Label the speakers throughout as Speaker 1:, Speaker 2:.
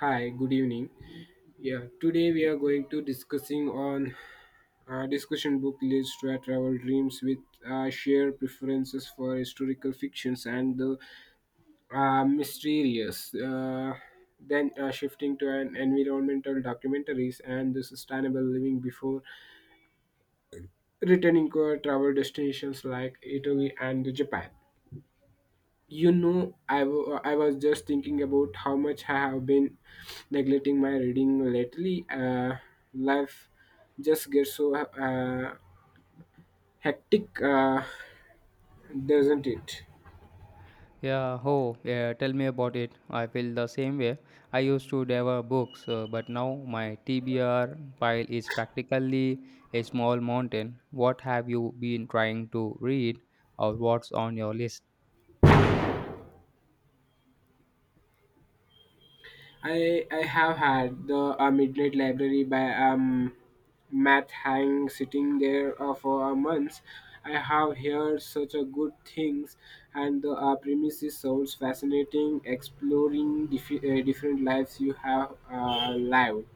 Speaker 1: Hi, good evening. Yeah, today we are going to discussing on discussion book list where travel dreams with shared preferences for historical fictions and the mysterious. Then shifting to an environmental documentaries and the sustainable living before returning to our travel destinations like Italy and Japan. I was just thinking about how much I have been neglecting my reading lately. Life just gets so hectic, doesn't it?
Speaker 2: Yeah, oh, yeah, tell me about it. I feel the same way. I used to devour books, but now my TBR pile is practically a small mountain. What have you been trying to read, or what's on your list?
Speaker 1: I have had the Midnight Library by Matt Hang sitting there for a month. I have heard such a good things, and the premises sounds fascinating. Exploring different lives you have lived.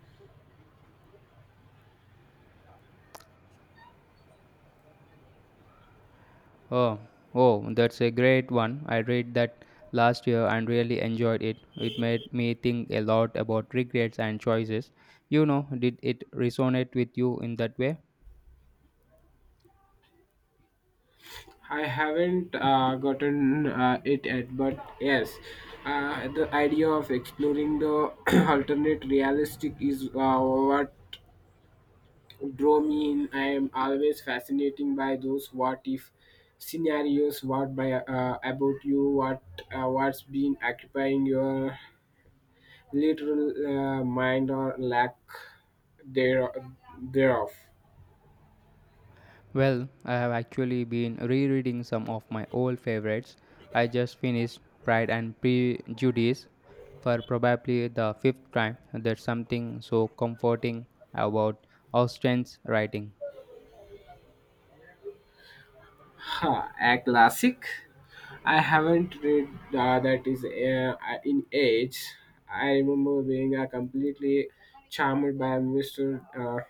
Speaker 2: Oh, oh, that's a great one. I read that last year and really enjoyed it. It made me think a lot about regrets and choices. You know, did it resonate with you in that way?
Speaker 1: I haven't gotten it yet, but yes, the idea of exploring the alternate realistic is what drew me in. I am always fascinating by those what if scenarios. What by About you? What's been occupying your literal mind, or lack there thereof?
Speaker 2: Well, I have actually been rereading some of my old favorites. I just finished Pride and Prejudice for probably the fifth time. There's something so comforting about Austen's writing.
Speaker 1: Huh, a classic. I haven't read that is in age. I remember being completely charmed by Mr. Uh,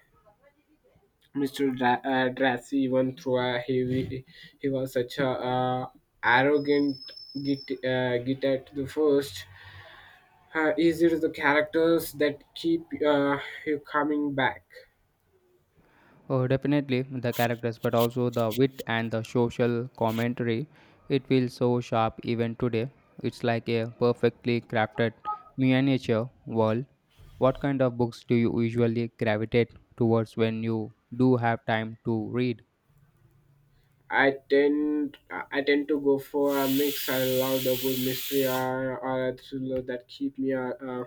Speaker 1: Mr. Drassi, even through a heavy. He was such a arrogant git at the first. Is it the characters that keep you coming back?
Speaker 2: Oh, definitely the characters, but also the wit and the social commentary. It feels so sharp even today. It's like a perfectly crafted miniature world. What kind of books do you usually gravitate towards when you do have time to read?
Speaker 1: I tend to go for a mix. I love the good mystery or a thriller that keep me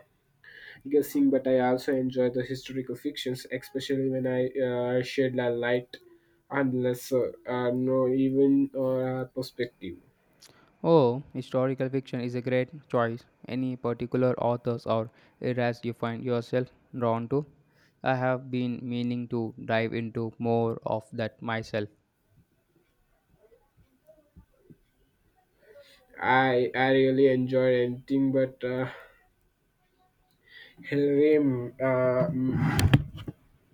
Speaker 1: guessing, but I also enjoy the historical fictions, especially when I shed a light on lesser, no, even perspective.
Speaker 2: Oh, historical fiction is a great choice. Any particular authors or eras you find yourself drawn to? I have been meaning to dive into more of that myself.
Speaker 1: I really enjoy anything, but Hilary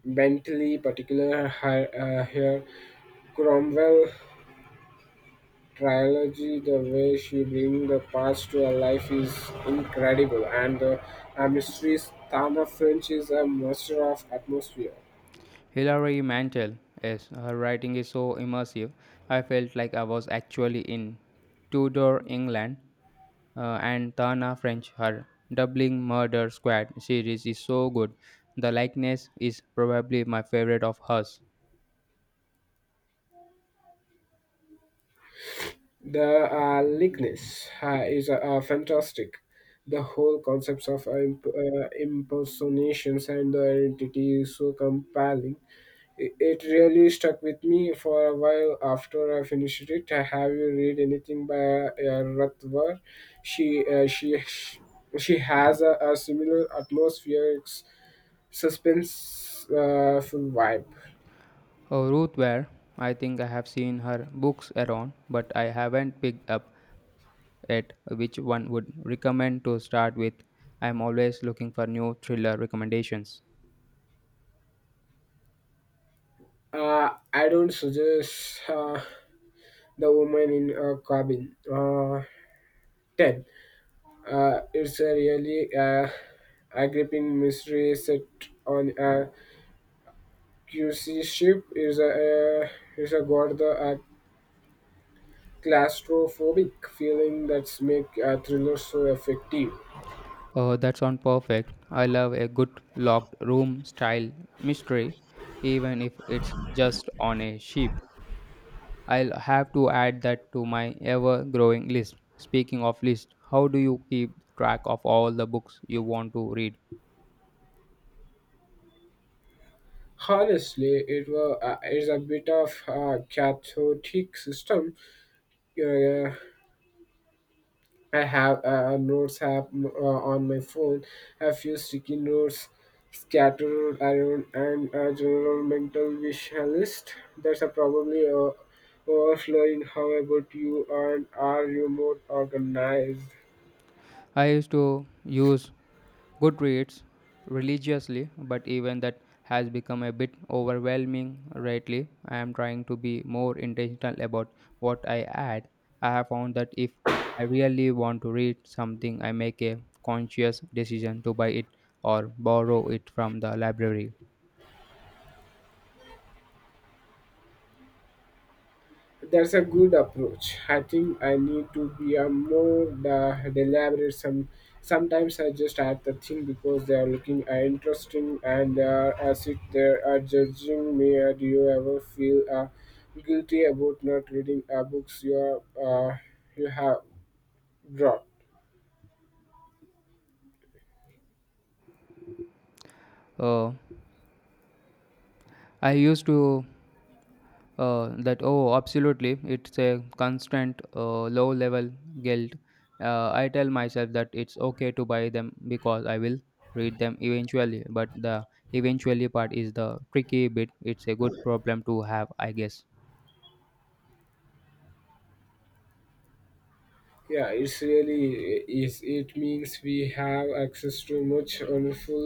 Speaker 1: Bentley, particular her Cromwell trilogy. The way she brings the past to her life is incredible, and the mysteries, Tana French is a master of atmosphere.
Speaker 2: Hilary Mantel, yes, her writing is so immersive. I felt like I was actually in Tudor England and Tana French. Her Doubling Murder Squad series is so good. The likeness is probably my favorite of hers.
Speaker 1: The likeness is fantastic. The whole concepts of impersonations and the identity is so compelling. It really stuck with me for a while after I finished it. Have you read anything by Ratwar? She uh, she she has a similar atmosphere. It's suspense full vibe.
Speaker 2: Oh, Ruth Ware, I think I have seen her books around, but I haven't picked up yet which one would recommend to start with. I'm always looking for new thriller recommendations.
Speaker 1: I don't suggest the woman in a cabin. 10. It's a really, a gripping mystery set on a QC ship. Uh, is a got the claustrophobic feeling that's make a thriller so effective.
Speaker 2: Oh, that sounds perfect. I love a good locked room style mystery, even if it's just on a ship. I'll have to add that to my ever growing list. Speaking of list, how do you keep track of all the books you want to read?
Speaker 1: Honestly, it's a bit of a cathartic system. Uh, I have a notes app on my phone, a few sticky notes scattered around, and a general mental wish list. That's a probably overflowing. How about you? And are you more organized?
Speaker 2: I used to use Goodreads religiously, but even that has become a bit overwhelming lately. I am trying to be more intentional about what I add. I have found that if I really want to read something, I make a conscious decision to buy it or borrow it from the library.
Speaker 1: That's a good approach. I think I need to be a more deliberate. Sometimes I just add the thing because they are looking interesting, and as if they are judging me. Do you ever feel guilty about not reading books uh, you have brought?
Speaker 2: Uh, I used to that oh absolutely it's a constant low level guilt I tell myself that it's okay to buy them because I will read them eventually but the eventually part is the tricky bit it's a good problem to have I guess.
Speaker 1: Yeah, it's really is. It means we have access to much wonderful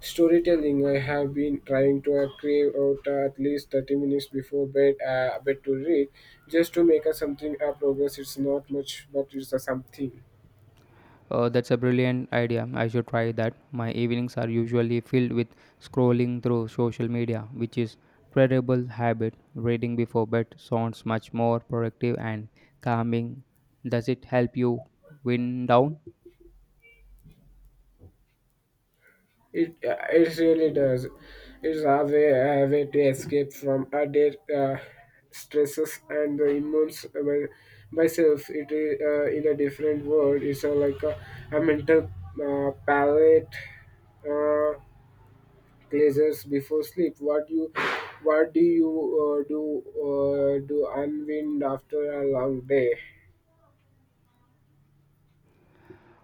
Speaker 1: storytelling. I have been trying to crave out at least 30 minutes before bed to read, just to make a something a progress. It's not much, but it's a something.
Speaker 2: That's a brilliant idea. I should try that. My evenings are usually filled with scrolling through social media, which is terrible habit. Reading before bed sounds much more productive and calming. Does it help you wind down?
Speaker 1: It really does. It's a way to escape from a day stresses and the immense by myself. It is in a different world. It's like a mental palette uh, pleasures before sleep. What do you do do unwind after a long day?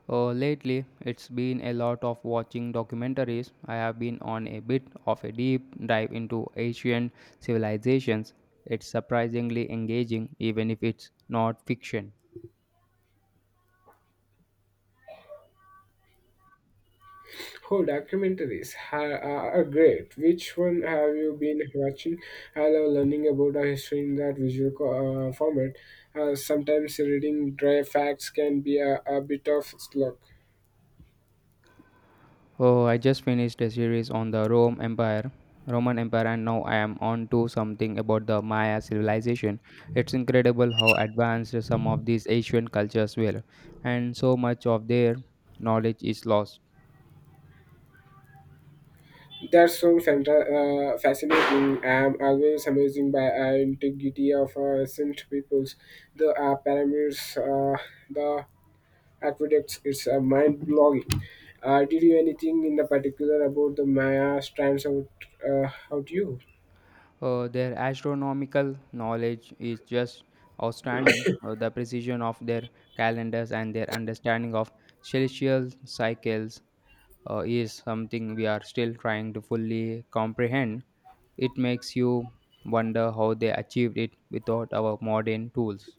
Speaker 2: Lately, it's been a lot of watching documentaries. I have been on a bit of a deep dive into ancient civilizations. It's surprisingly engaging, even if it's not fiction.
Speaker 1: Oh, documentaries are great. Which one have you been watching? I love learning about our history in that visual format. Sometimes reading dry facts can be a bit of slog.
Speaker 2: Oh, I just finished a series on the Roman Empire, and now I am on to something about the Maya civilization. It's incredible how advanced some of these ancient cultures were, and so much of their knowledge is lost.
Speaker 1: That's so fascinating. I'm always amazing by integrity of ancient peoples. The pyramids, the aqueducts, it's mind-blowing. Did you anything in the particular about the Maya strands out you?
Speaker 2: Their astronomical knowledge is just outstanding. The precision of their calendars and their understanding of celestial cycles is something we are still trying to fully comprehend. It makes you wonder how they achieved it without our modern tools.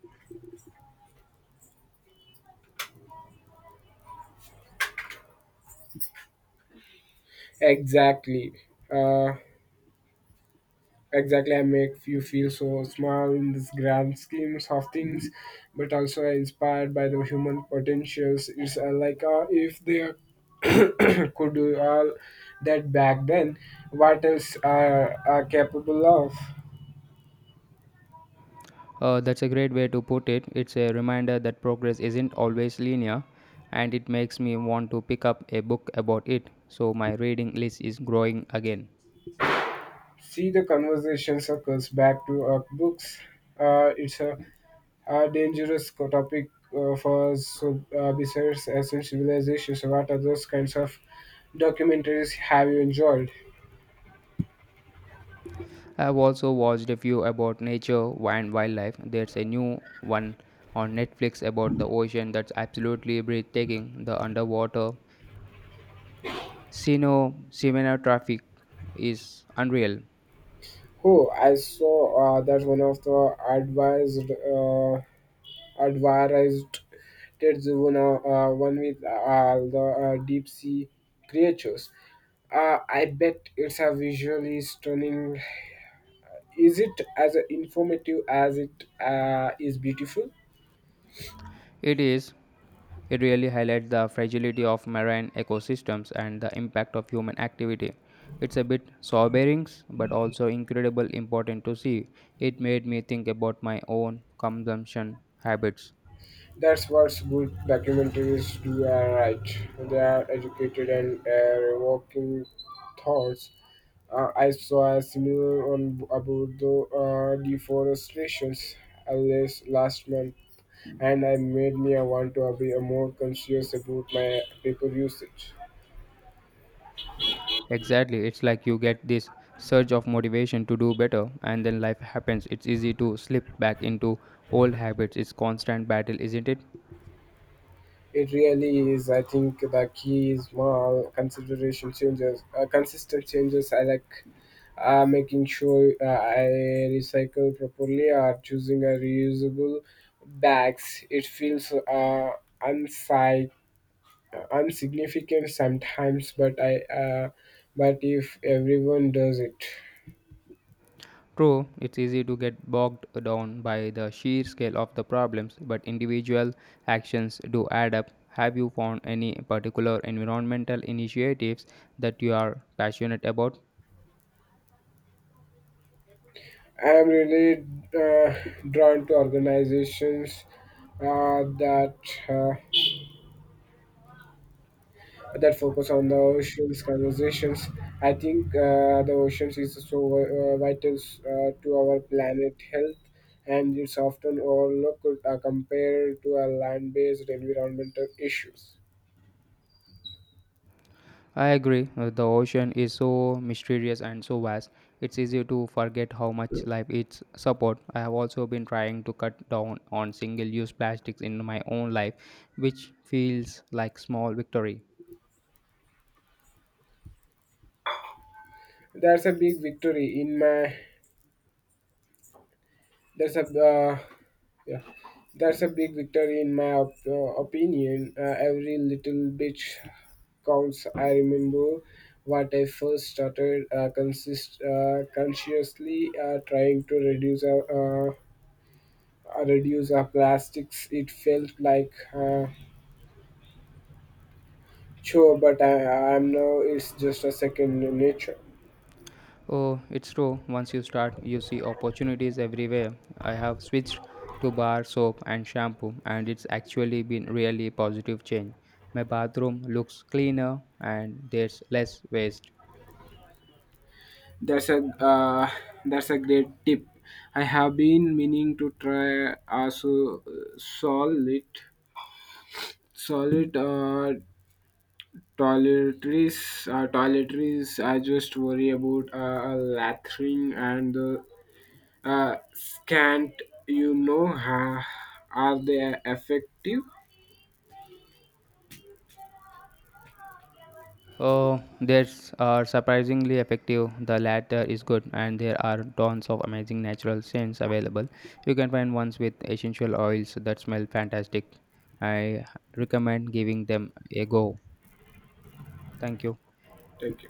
Speaker 1: Exactly. Uh, exactly. I make you feel so small in this grand schemes of things, but also inspired by the human potentials. It's like if they are- could do all that back then. What else are capable of?
Speaker 2: That's a great way to put it. It's a reminder that progress isn't always linear, and it makes me want to pick up a book about it. So my reading list is growing again.
Speaker 1: See the conversation circles back to books. It's a dangerous topic besides ancient civilizations. What other kinds of documentaries have you enjoyed?
Speaker 2: I've also watched a few about nature and wildlife. There's a new one on Netflix about the ocean that's absolutely breathtaking. The underwater Sino Simena traffic is unreal.
Speaker 1: Oh, I saw that one of the advised that's one with the deep sea creatures. I bet it's a visually stunning. Is it as informative as it is beautiful?
Speaker 2: It is it really highlights the fragility of marine ecosystems and the impact of human activity. It's a bit sobering but also incredibly important to see. It made me think about my own consumption habits.
Speaker 1: That's what good documentaries do. You are right. They are educated and revoking thoughts. I saw a similar on about the deforestations last month, and I made me want to be more conscious about my paper usage.
Speaker 2: Exactly, it's like you get this surge of motivation to do better and then life happens. It's easy to slip back into old habits. It's constant battle, isn't it?
Speaker 1: It really is. I think the key is more consistent changes. I like, making sure I recycle properly, or choosing a reusable bags. It feels unsi- insignificant sometimes, but I but if everyone does it,
Speaker 2: True, it's easy to get bogged down by the sheer scale of the problems, but individual actions do add up. Have you found any particular environmental initiatives that you are passionate about?
Speaker 1: I am really uh, drawn to organizations uh, that uh, that focus on the oceans conversations. I think the oceans is so vital to our planet health, and it's often overlooked compared to our land-based environmental issues.
Speaker 2: I agree, the ocean is so mysterious and so vast. It's easy to forget how much life it's support. I have also been trying to cut down on single use plastics in my own life, which feels like small victory.
Speaker 1: That's a big victory in my. That's a Yeah, that's a big victory in my opinion. Every little bit counts. I remember what I first started consist consciously trying to reduce our plastics. It felt like chore, but I'm now it's just a second nature.
Speaker 2: Oh, it's true. Once you start, you see opportunities everywhere. I have switched to bar soap and shampoo, and it's actually been really positive change. My bathroom looks cleaner and there's less waste.
Speaker 1: That's a uh, that's a great tip. I have been meaning to try also solve it. Solid toiletries, toiletries. I just worry about a lathering and the scant. You know, ha Are they effective?
Speaker 2: Oh, that's are surprisingly effective. The latter is good, and there are tons of amazing natural scents available. You can find ones with essential oils that smell fantastic. I recommend giving them a go. Thank you.
Speaker 1: Thank you.